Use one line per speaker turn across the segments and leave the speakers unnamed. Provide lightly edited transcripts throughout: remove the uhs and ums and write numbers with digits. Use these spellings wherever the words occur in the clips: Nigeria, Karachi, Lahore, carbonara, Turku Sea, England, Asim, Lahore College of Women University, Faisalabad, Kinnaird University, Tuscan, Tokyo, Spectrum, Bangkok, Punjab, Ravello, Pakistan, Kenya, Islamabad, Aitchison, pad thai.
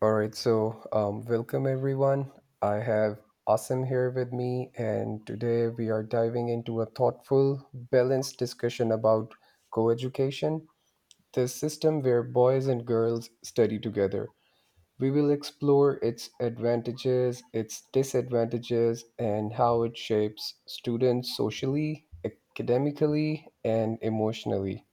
All right, welcome everyone. I have Asim here with me, and today we are diving into a thoughtful, balanced discussion about coeducation, the system where boys and girls study together. We will explore its advantages, its disadvantages, and how it shapes students socially, academically, and emotionally.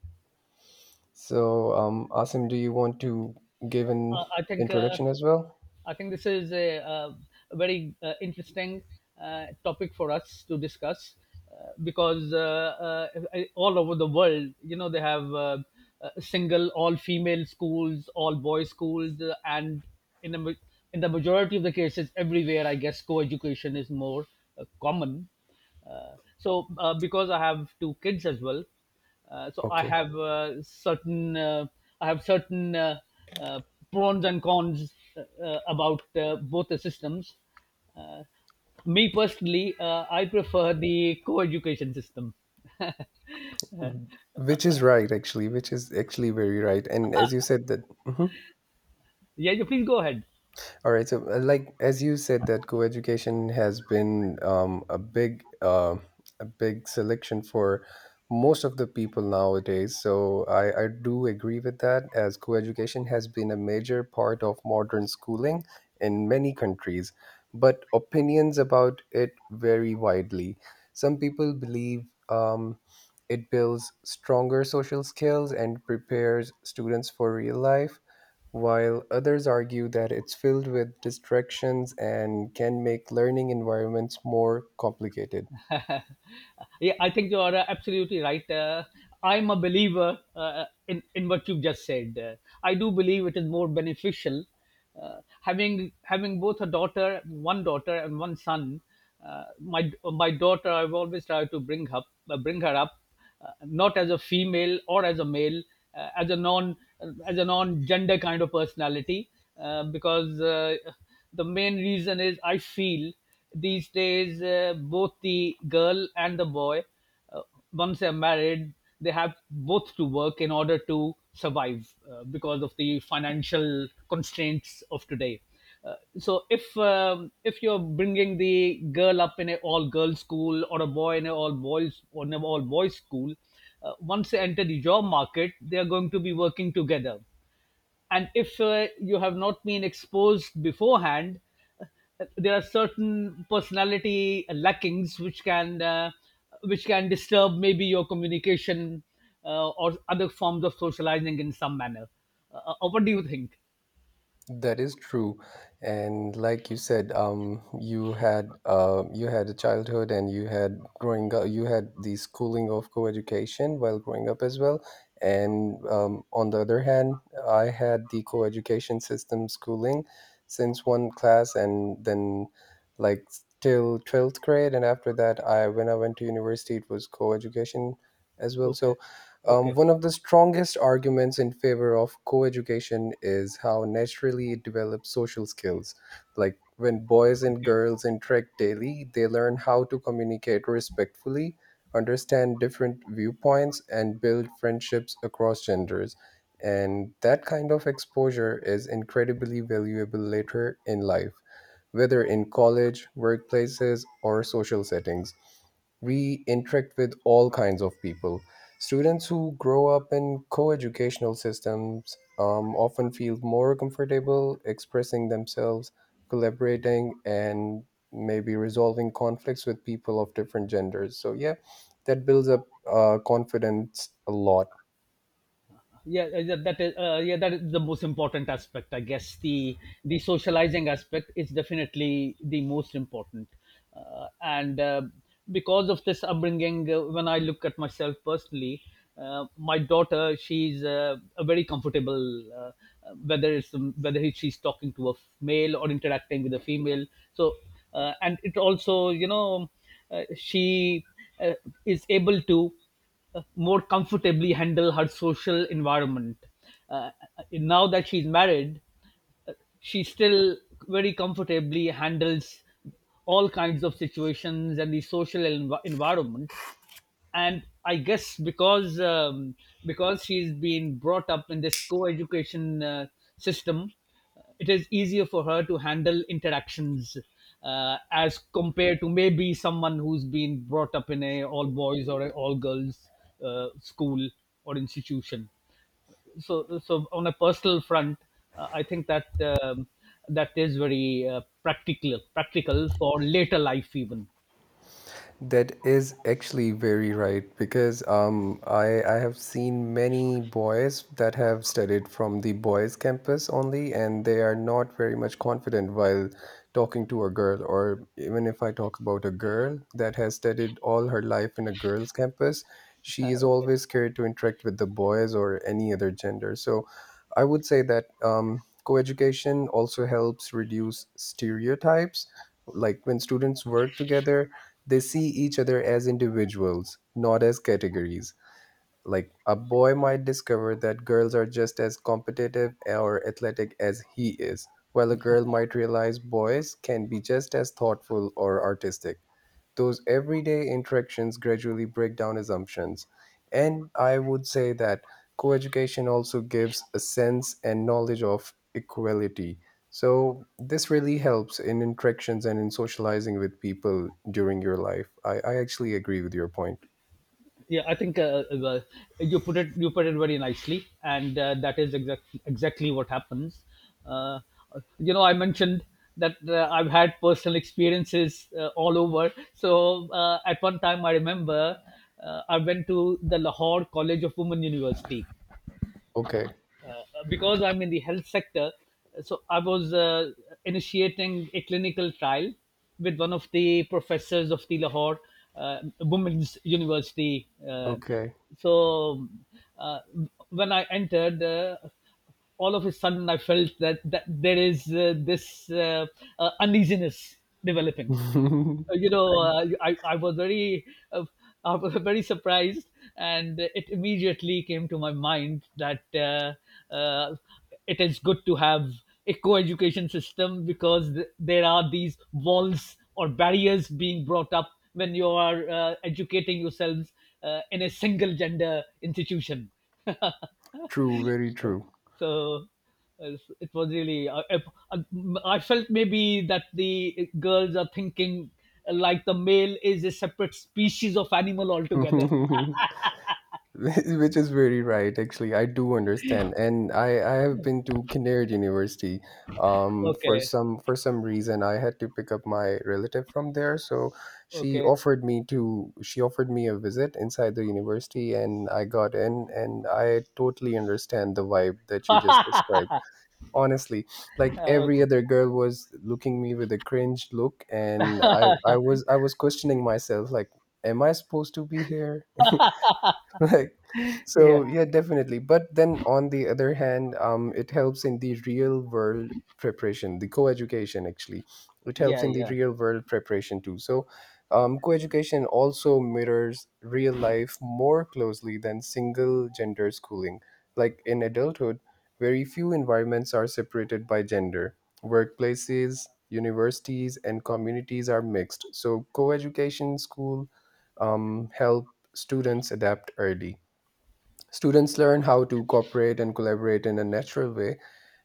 Asim, do you want to give an
Uh, I think uh,
introduction as well?
I think this is a very interesting topic for us to discuss because all over the world, you know, they have single all-female schools, all-boys schools, and in the ma- in the majority of the cases, everywhere, I guess, co-education is more common. Because I have two kids as well, so I
Okay.
have certain I have certain uh, pros and cons about both the systems. Me personally, I prefer the co-education system.
Which is right, actually, which is actually very right. And as you said that. Mhm.
Yeah, you please go ahead.
All right. Like as you said, that co-education has been a a big selection for most of the people nowadays. So, I do agree with that. As co-education has been a major part of modern schooling in many countries, but opinions about it vary widely. Some people believe it builds stronger social skills and prepares students for real life while others argue that it's filled with distractions and can make learning environments more complicated.
Yeah, I think you are absolutely right. I'm a believer in what you've just said. I do believe it is more beneficial, having both a daughter, one daughter and one son. My daughter, I've always tried to bring up, bring her up not as a female or as a male, uh, as a non as a non gender kind of personality, because the main reason is I feel these days both the girl and the boy, uh, once they're married, they have both to work in order to survive because of the financial constraints of today. So if If you're bringing the girl up in an all girls school or a boy in an all boys or an all boys school, once they enter the job market, they are going to be working together. And if you have not been exposed beforehand, there are certain personality lackings which can disturb maybe your communication or other forms of socializing in some manner. What do you think?
That is true, and like you said, you had a childhood and you had growing up. You had the schooling of co-education while growing up as well. And on the other hand, I had the co-education system schooling since one class and then like till twelfth grade. And after that, I when I went to university, it was co-education as well.
Okay,
So
okay,
one of the strongest arguments in favor of coeducation is how naturally it develops social skills. Like when boys and
okay,
girls interact daily, they learn how to communicate respectfully, understand different viewpoints, and build friendships across genders. And that kind of exposure is incredibly valuable later in life, whether in college, workplaces, or social settings, we interact with all kinds of people. Students who grow up in coeducational systems often feel more comfortable expressing themselves, collaborating, and maybe resolving conflicts with people of different genders. So, yeah, that builds up confidence a lot.
yeah. That is yeah, that is the most important aspect, I guess. The The socializing aspect is definitely the most important, and because of this upbringing. When I look at myself personally, my daughter, she's a very comfortable, whether it's whether she's talking to a male or interacting with a female. so and it also, you know, she uh, is able to more comfortably handle her social environment. Uh, Now that she's married, uh, she still very comfortably handles all kinds of situations and the social environment. And I guess because because she's been brought up in this co-education system, it is easier for her to handle interactions as compared to maybe someone who's been brought up in a all boys or a all girls school or institution. So on a personal front, I think that that is very practical for later life even.
That is actually very right because I have seen many boys that have studied from the boys' campus only, and they are not very much confident while talking to a girl. Or even if I talk about a girl that has studied all her life in a girls' campus, she is
Okay.
always scared to interact with the boys or any other gender. So I would say that coeducation also helps reduce stereotypes. Like when students work together, they see each other as individuals, not as categories. Like a boy might discover that girls are just as competitive or athletic as he is, while a girl might realize boys can be just as thoughtful or artistic. Those everyday interactions gradually break down assumptions. And I would say that coeducation also gives a sense and knowledge of equality. So this really helps in interactions and in socializing with people during your life. I actually agree with your point.
Yeah, I think you put it, you put it very nicely, and that is exactly what happens. uh, you know, I mentioned that I've had personal experiences all over. At one time I remember I went to the Lahore College of Women University
Okay.
because I'm in the health sector, so I was initiating a clinical trial with one of the professors of the Lahore Women's University.
Okay.
So uh, when I entered, all of a sudden I felt that there is this uneasiness developing. You know, I was very, uh, I was very surprised, and it immediately came to my mind that it is good to have a co-education system because there are these walls or barriers being brought up when you are educating yourselves in a single gender institution.
True, very true.
so it was really, I I felt maybe that the girls are thinking like the male is a separate species of animal altogether.
Which is very right, actually. I do understand, and I have been to Kinnaird University. For
Okay,
some reason, I had to pick up my relative from there, so
okay,
she offered me a visit inside the university, and I got in, and I totally understand the vibe that you just described. Honestly, like every
okay.
other girl was looking me with a cringe look and I was I was questioning myself like, am I supposed to be here? Like,
Yeah,
so yeah, definitely. But then on the other hand, it helps in the real world preparation, the co-education actually. It helps
yeah,
in the
yeah.
real world preparation too. So co-education also mirrors real life more closely than single gender schooling. Like in adulthood, very few environments are separated by gender. Workplaces, universities, and communities are mixed. So, co-education school help students adapt early. Students learn how to cooperate and collaborate in a natural way,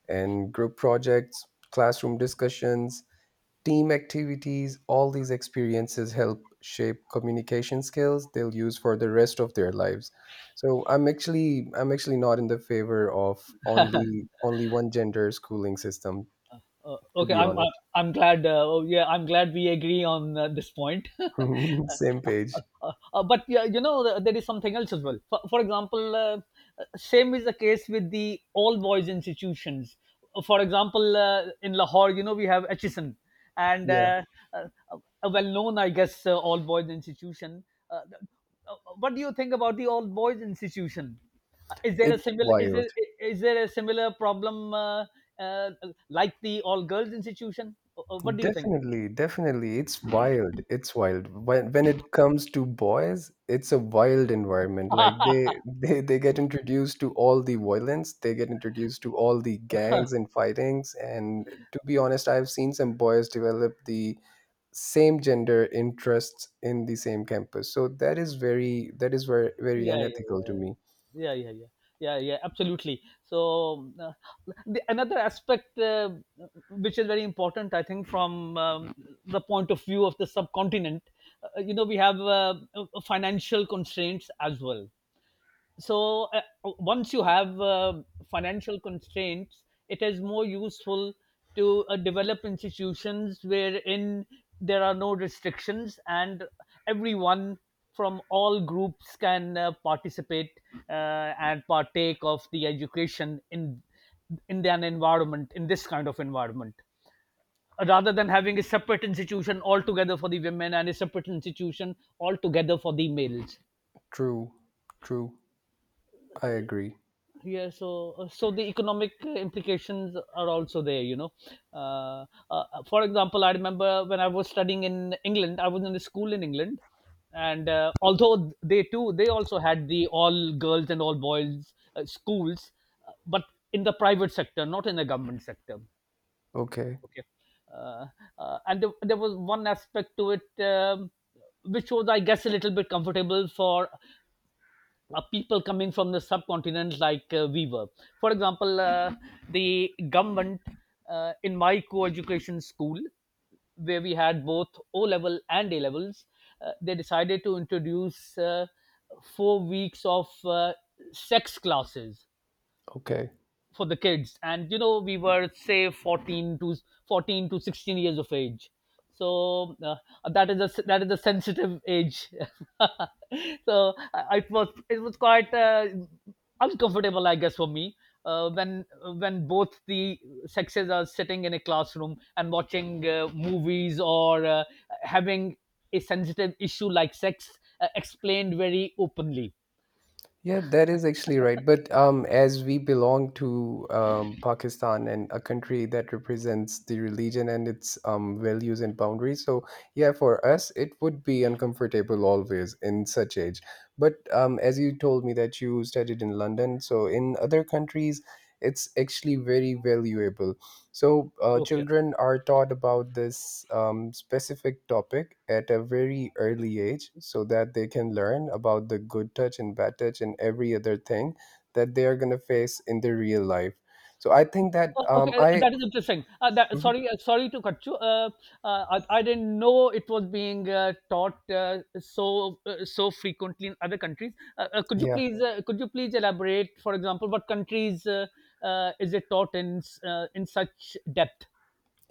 and group projects, classroom discussions, team activities, all these experiences help shape communication skills they'll use for the rest of their lives. So I'm actually not in the favor of only one gender schooling system to
Okay,
be honest.
I'm glad. Oh, yeah, I'm glad we agree on this point.
Same page.
But yeah, you know, there is something else as well. For example, same is the case with the all boys institutions. For example, in Lahore, you know, we have Aitchison, and
Yeah,
uh, a well-known, I guess, all boys institution. Uh, th- what do you think about the all boys institution? Is there a
it's
similar,
wild.
is there a similar problem, uh, like the all girls institution? What do you think?
Definitely, definitely. It's wild. It's wild. When it comes to boys, it's a wild environment. Like
Yeah,
they they get introduced to all the violence, they get introduced to all the gangs and fightings. And to be honest, I've seen some boys develop the same gender interests in the same campus. So that is very, that is very, very
yeah,
unethical to
yeah,
me.
yeah, yeah, yeah, yeah, yeah, absolutely. Another aspect which is very important, I think, from the point of view of the subcontinent, you know, we have financial constraints as well. so uh, Once you have financial constraints, it is more useful to develop institutions wherein there are no restrictions, and everyone from all groups can participate and partake of the education in an environment, in this kind of environment, rather than having a separate institution altogether for the women and a separate institution altogether for the males.
True. True. I agree.
So the economic implications are also there, you know. uh, for example, I remember when I was studying in England, I was in a school in England, and although they also had the all girls and all boys schools, but in the private sector, not in the government sector.
Okay.
Okay. uh, and there was one aspect to it, which was, I guess, a little bit comfortable for people coming from the subcontinent like we were. For example, the government in my co education school, where we had both O level and A levels, they decided to introduce 4 weeks of sex classes
Okay.
for the kids. And you know, we were say 14 to 16 years of age. so uh, that is a that is a sensitive age. So I, it was, it was quite uncomfortable, I guess, for me when when both the sexes are sitting in a classroom and watching movies or having a sensitive issue like sex explained very openly.
Yeah, that is actually right. But as we belong to Pakistan and a country that represents the religion and its values and boundaries, so yeah, for us it would be uncomfortable always in such age. But as you told me that you studied in London, so in other countries it's actually very valuable. So, children are taught about this specific topic at a very early age so that they can learn about the good touch and bad touch and every other thing that they are going to face in their real life. So, I think that
Oh, okay,
I,
that is interesting. That,
Mhm.
sorry, sorry to cut you. I didn't know it was being taught so frequently in other countries. Could you
Yeah.
please could you please elaborate? For example, what countries is it taught in such depth?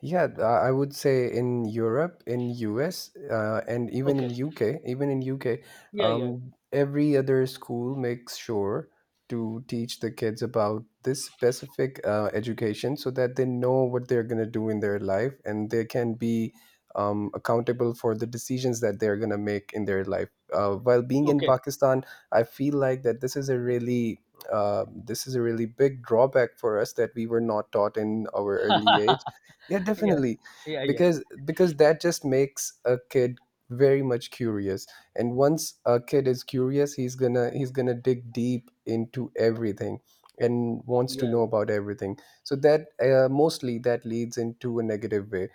I would say in Europe, in US, and even
Okay.
in UK, even in UK,
Yeah. Yeah.
every other school makes sure to teach the kids about this specific education so that they know what they're going to do in their life and they can be accountable for the decisions that they're going to make in their life. While being in
Okay.
Pakistan, I feel like that this is a really this is a really big drawback for us that we were not taught in our early age. Yeah, definitely.
Yeah. Yeah. Yeah.
Because that just makes a kid very much curious, and once a kid is curious, he's gonna dig deep into everything and wants to
Yeah.
know about everything. So that mostly that leads into a negative way.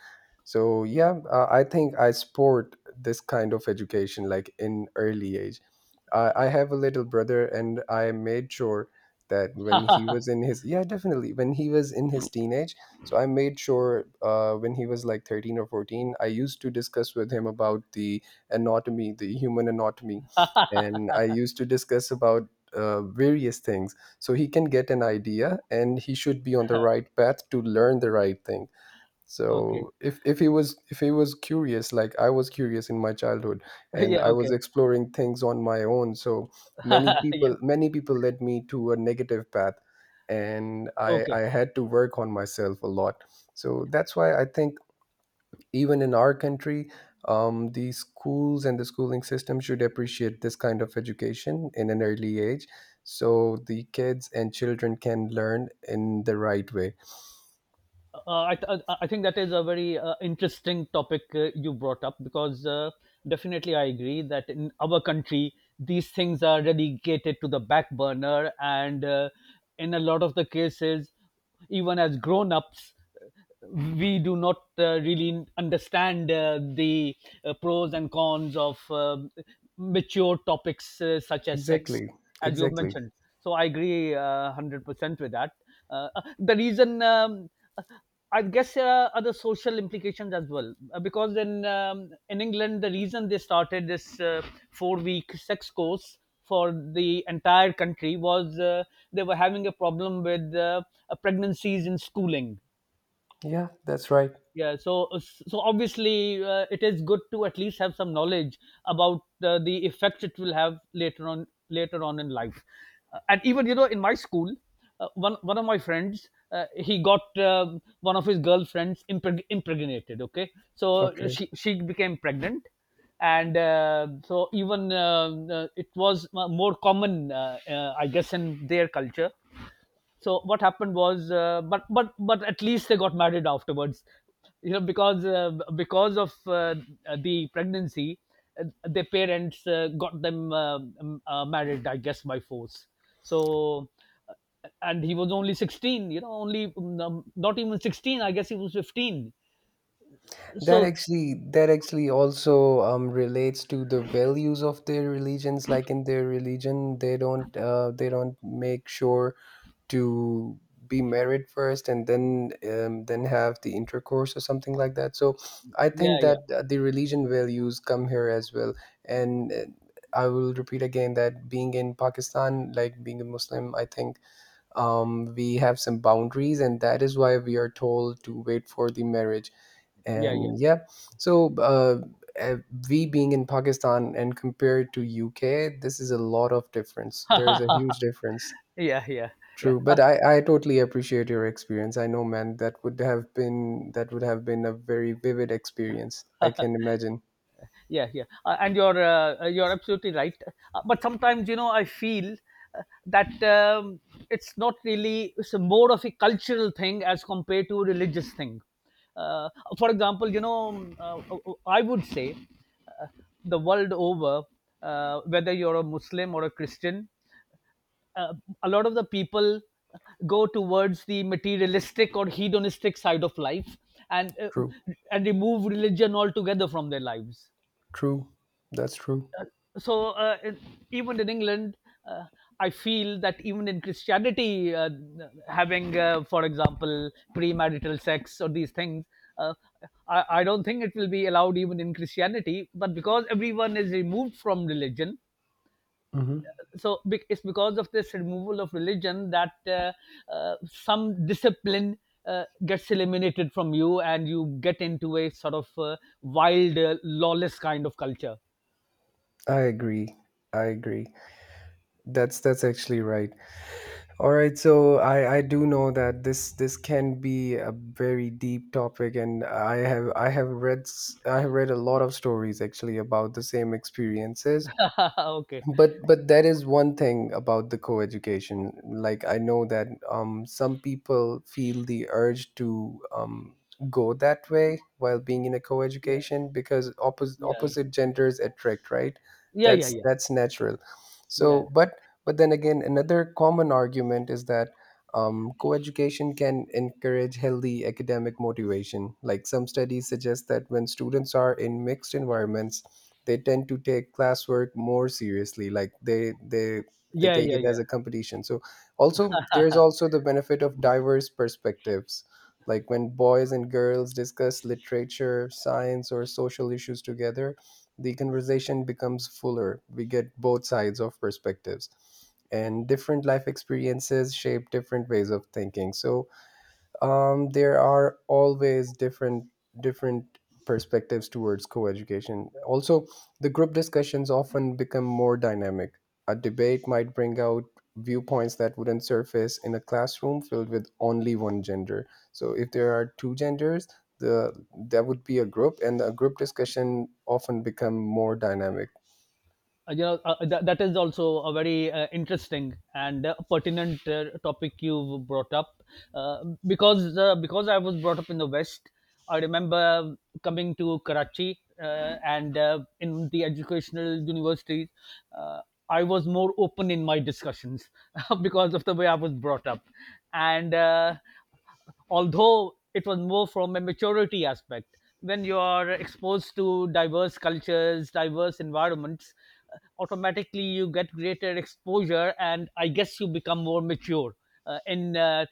So yeah, I think I support this kind of education like in early age. I have a little brother and I made sure that when he was in his, yeah definitely, when he was in his teenage, so I made sure when he was like 13 or 14, I used to discuss with him about the anatomy, the human anatomy.
Yeah.
And I used to discuss about various things so he can get an idea and he should be on the right path to learn the right thing.
Okay.
So if he was, if he was curious like I was curious in my childhood, and
Yeah.
I was
Okay.
exploring things on my own, so
Yeah.
many people led me to a negative path, and i
Okay.
i had to work on myself a lot. So that's why I think even in our country, the schools and the schooling system should appreciate this kind of education in an early age, so the kids and children can learn in the right way.
I think that is a very interesting topic you brought up, because definitely I agree that in our country these things are relegated to the back burner, and in a lot of the cases, even as grown ups, we do not really understand the pros and cons of mature topics such as sex,
Exactly.
as you
Exactly.
mentioned. So I agree 100% with that. The reason, I guess there are other social implications as well. Because in England, the reason they started this four-week sex course for the entire country was they were having a problem with pregnancies in schooling.
Yeah, that's right.
Yeah, so, so obviously it is good to at least have some knowledge about the effect it will have later on in life. And even, you know, in my school, one one of my friends he got one of his girlfriends impregnated. Okay, so
Okay.
she became pregnant, and so even it was more common, I guess, in their culture. So what happened was but at least they got married afterwards, you know, because of the pregnancy. Their parents got them married, I guess, by force. so uh, and he was only 16, you know, only not even 16, I guess he was 15.
That
So
actually, that actually also relates to the values of their religions. Like in their religion, they don't make sure to be married first and then have the intercourse or something like that. So I
yeah,
think
yeah,
that the religion values come here as well. And I will repeat again that being in Pakistan, like being a Muslim, I think we have some boundaries and that is why we are told to wait for the marriage,
yeah, yeah,
and yeah, so uh, we being in Pakistan and compared to UK, this is a lot of difference, there is a huge difference.
yeah, yeah, yeah,
True, but I totally appreciate your experience. I know, man, that would have been a very vivid experience, I can imagine.
yeah, yeah. And you're absolutely right. But sometimes, you know, I feel that it's not really, it's a more of a cultural thing as compared to a religious thing. uh, for example, you know, I would say uh, the world over, whether you're a Muslim or a Christian, uh, a lot of the people uh, go towards the materialistic or hedonistic side of life, and
True.
and remove religion altogether from their lives.
True. That's true.
So even in England, uh, I feel that even in Christianity, having, for example, premarital sex or these things, uh, I don't think it will be allowed even in Christianity, but because everyone is removed from religion.
Hmm.
So it's because of this removal of religion that some discipline gets eliminated from you, and you get into a sort of wild, lawless kind of culture.
I agree. I agree. That's actually right. All right, so I do know that this can be a very deep topic, and I have read a lot of stories actually about the same experiences.
Okay.
But that is one thing about the co-education. Like I know that some people feel the urge to go that way while being in a
Yeah,
co-education because
yeah.
opposite genders attract, right?
Yeah, yeah, yeah.
That's natural.
Yeah.
So, but then again, another common argument is that co-education can encourage healthy academic motivation. Like some studies suggest that when students are in mixed environments, they tend to take classwork more seriously. Like they they
Yeah,
take
yeah,
it as
yeah.
a competition. So also, there's also the benefit of diverse perspectives. Like when boys and girls discuss literature, science, or social issues together, the conversation becomes fuller. We get both sides of perspectives, and different life experiences shape different ways of thinking. So, there are always different perspectives towards co-education. Also, the group discussions often become more dynamic. A debate might bring out viewpoints that wouldn't surface in a classroom filled with only one gender. So, if there are two genders, the that would be a group, and a group discussion often become more dynamic.
You know, that is also a very interesting and pertinent topic you've brought up. uh, because because I was brought up in the West, I remember coming to Karachi and in the educational universities, uh, I was more open in my discussions because of the way I was brought up. And Although it was more from a maturity aspect, when you are exposed to diverse cultures, diverse environments, automatically you get greater exposure, and I guess you become more mature in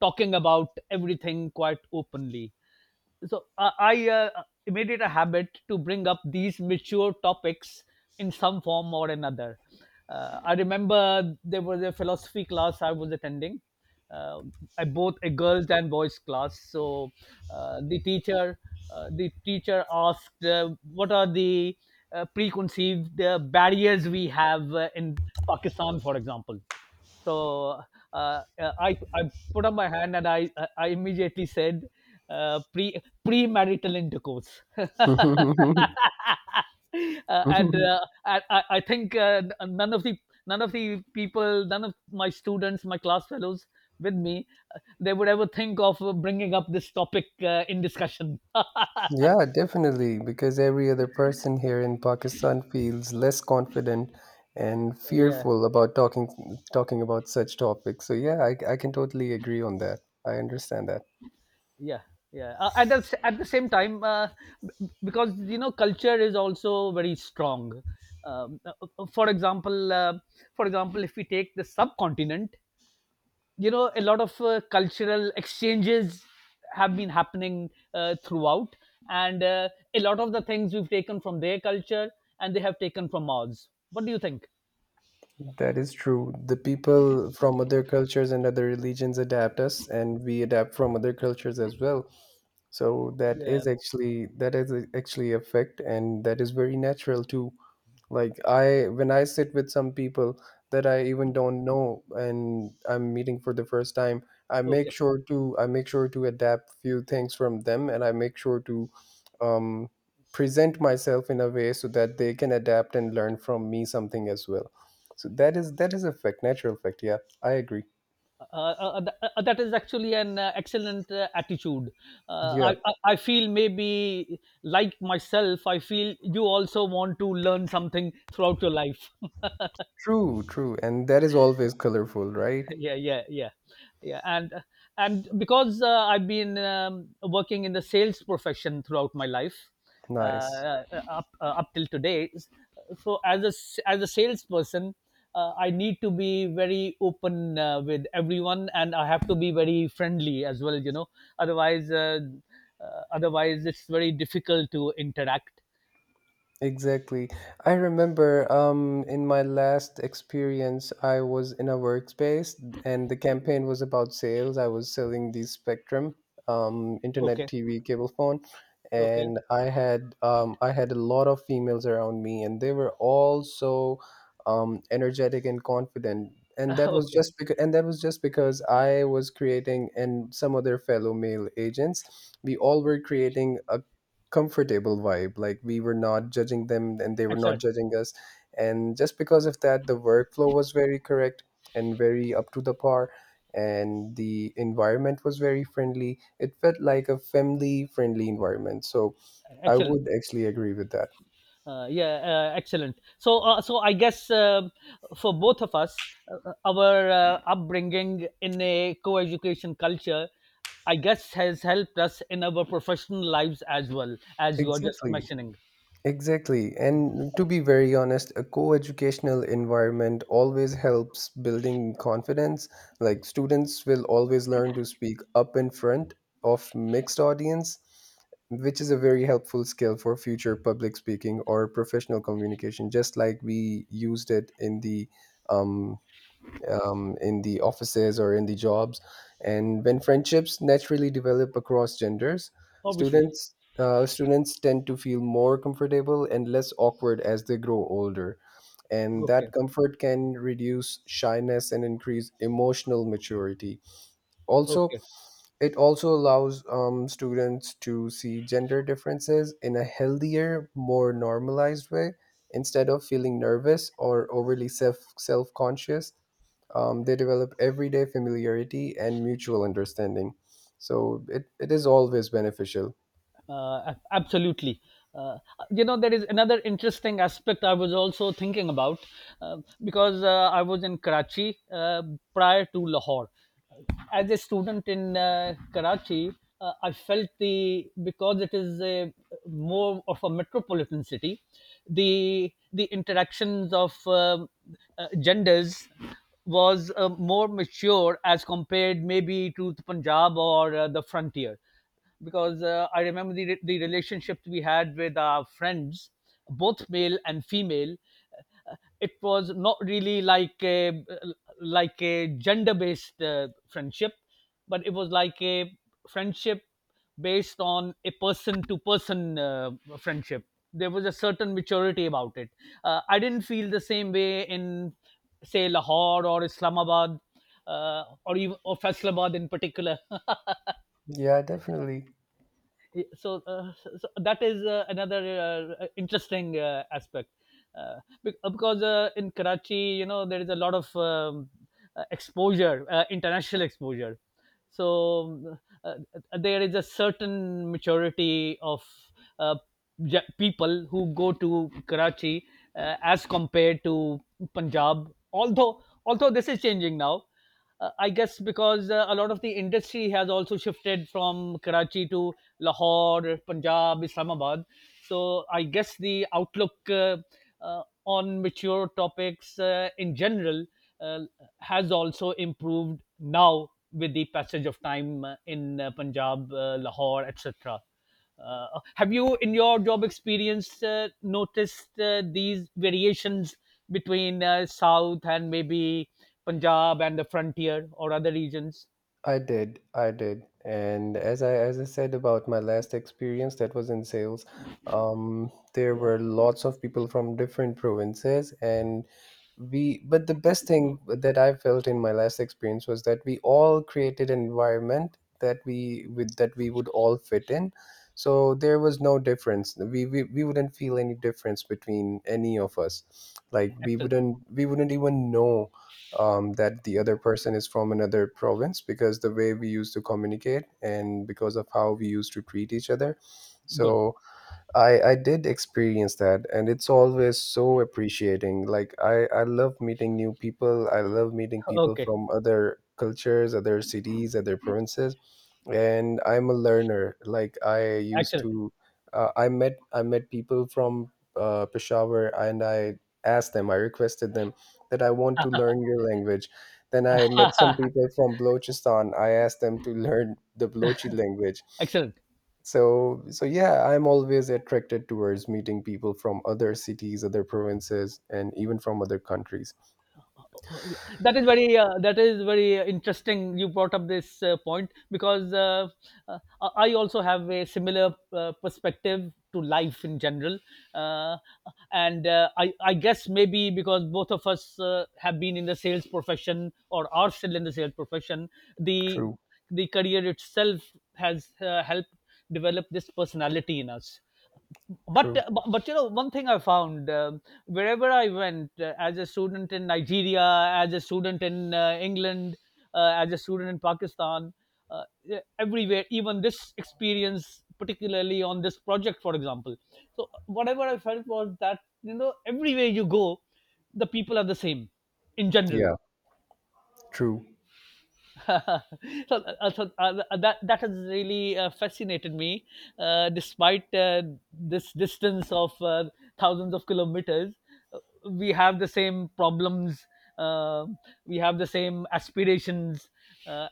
talking about everything quite openly. So I made it a habit to bring up these mature topics in some form or another. I remember there was a philosophy class I was attending. uh, I both a girls and boys class. So the teacher, the teacher asked, what are the preconceived barriers we have in Pakistan, for example? So uh, I put up my hand, and I immediately said uh, pre premarital intercourse. And I think none of the none of the people, none of my students, my class fellows with me, they would ever think of bringing up this topic in discussion.
Yeah, definitely, because every other person here in Pakistan feels less confident and
Yeah.
fearful about talking about such topics. So yeah, I can totally agree on that. I understand that.
Yeah, yeah, at the at the same time, because, you know, culture is also very strong. For example, for example, if we take the subcontinent, you know, a lot of cultural exchanges have been happening throughout. And A lot of the things we've taken from their culture, and they have taken from ours. What do you think?
That is true. The people from other cultures and other religions adapt us, and we adapt from other cultures as well. So
Yeah.
that actually a fact, and that is very natural too. Like I when I sit with some people that I even don't know and I'm meeting for the first time,
Okay.
I make sure to adapt few things from them and I make sure to um present myself in a way so that they can adapt and learn from me something as well. So that is a fact, natural fact. Yeah, I agree.
That is actually an excellent attitude.
Yeah,
Uh, I feel maybe like myself, I feel you also want to learn something throughout your life.
true. And that is always colorful, right?
Yeah, yeah, yeah. Yeah. And because I've been working in the sales profession throughout my life, uh,
Nice.
up till today. So as a as a salesperson, I need to be very open with everyone, and I have to be very friendly as well, you know. Otherwise otherwise it's very difficult to interact.
Exactly. I remember in my last experience, I was in a workspace and the campaign was about sales. I was selling the Spectrum, internet
Okay.
TV cable phone,
Okay.
and I had a lot of females around me, and they were all so energetic and confident.
Okay.
And that was just because I was creating, and some other fellow male agents, we all were creating a comfortable vibe, like we were not judging them and they were not
Excellent.
judging us. And just because of that, the workflow was very correct and very up to the par, and the environment was very friendly. It felt like a family friendly environment. So I
Excellent.
would actually agree with that.
Yeah, excellent. So, so I guess for both of us, our upbringing in a co-education culture, I guess, has helped us in our professional lives as well, as you are just
Exactly.
mentioning.
Exactly. And to be very honest, a co-educational environment always helps building confidence. Like students will always learn to speak up in front of mixed audience, which is a very helpful skill for future public speaking or professional communication, just like we used it um, in the offices or in the jobs. And when friendships naturally develop across genders,
Obviously.
students tend to feel more comfortable and less awkward as they grow older. And
Okay.
that comfort can reduce shyness and increase emotional maturity. Also,
Okay.
it also allows students to see gender differences in a healthier, more normalized way instead of feeling nervous or overly self conscious. They develop everyday familiarity and mutual understanding. So it is always beneficial.
Absolutely. Uh, you know, there is another interesting aspect I was also thinking about, uh, because I was in Karachi prior to Lahore. Uh, As a student in Karachi, I felt the, because it is a more of a metropolitan city, the interactions of genders was more mature as compared maybe to the Punjab or the frontier. Because I remember the relationships we had with our friends, both male and female. It was not really like a gender based friendship, but it was like a friendship based on a person to person friendship. There was a certain maturity about it. I didn't feel the same way in say Lahore or Islamabad or even or Faisalabad in particular.
Yeah, definitely.
So, so that is another interesting aspect. uh, because in Karachi, you know, there is a lot of exposure, international exposure. So uh, there is a certain maturity of uh, people who go to Karachi as compared to Punjab. Although this is changing now, I guess, because a lot of the industry has also shifted from Karachi to Lahore, Punjab, Islamabad. So I guess the outlook on mature topics in general uh, has also improved now, with the passage of time in Punjab, Lahore, etc. Have you, in your job experience, noticed these variations between South and maybe Punjab and the frontier or other regions?
I did, and as I said about my last experience, that was in sales. There
Yeah,
were lots of people from different provinces, and we. But the best thing that I felt in my last experience was that we all created an environment that we with that we would all fit in. So there was no difference. We wouldn't feel any difference between any of us. Like
excellent.
we wouldn't even know that the other person is from another province because the way we used to communicate and because of how we used to treat each other.
Good.
So I did experience that, and it's always so appreciating. Like I love meeting new people. I love meeting people
Okay,
from other cultures, other cities, other provinces, and I'm a learner. Like I used
excellent.
to, I met, I met people from Peshawar, and I requested them that I want to learn your language. Then I met some people from Balochistan. I asked them to learn the Balochi language.
Excellent.
So yeah, I'm always attracted towards meeting people from other cities, other provinces, and even from other countries.
That is very that is very interesting, you brought up this point. Because uh, I also have a similar perspective to life in general. Uh, and uh, I guess maybe because both of us have been in the sales profession or are still in the sales profession, the
True,
the career itself has helped develop this personality in us. but
true.
but but, you know, one thing I found, wherever I went, as a student in Nigeria, as a student in England, as a student in Pakistan, yeah, everywhere, even this experience particularly on this project, for example. So whatever I felt was that, you know, everywhere you go, the people are the same in general.
Yeah, true.
So, that that has really fascinated me, despite this distance of thousands of kilometers. uh, We have the same problems. Uh, we have the same aspirations, uh,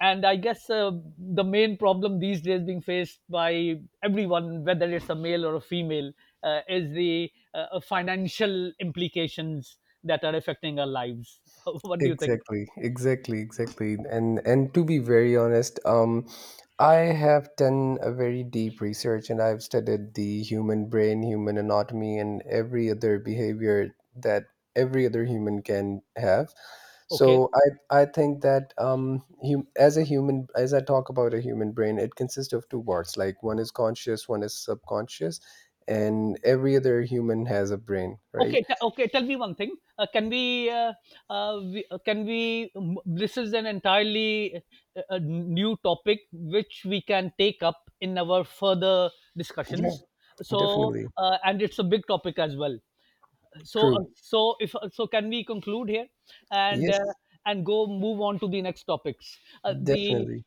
and I guess the main problem these days being faced by everyone, whether it's a male or a female, is the financial implications that are affecting our lives. What do you think?
Exactly, exactly, exactly. And to be very honest, I have done a very deep research, and I've studied the human brain, human anatomy, and every other behavior that every other human can have.
Okay.
So I think that as a human, as I talk about a human brain, it consists of two parts. Like one is conscious, one is subconscious, and every other human has a brain, right?
Okay, okay. Tell me one thing. Can we? This is an entirely a new topic which we can take up in our further
Yeah,
discussions. So,
definitely.
and it's a big topic as well. So,
True.
so if so, can we conclude here and
Yes.
go move on to the next topics? The
Definitely.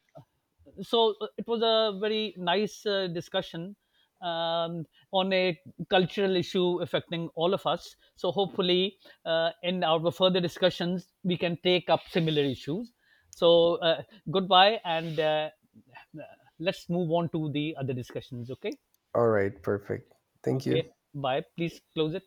So it was a very nice discussion um, on a cultural issue affecting all of us. So hopefully, in our further discussions, we can take up similar issues. So goodbye, and let's move on to the other discussions. Okay,
All right, perfect. Thank
okay,
you.
bye. Please close it.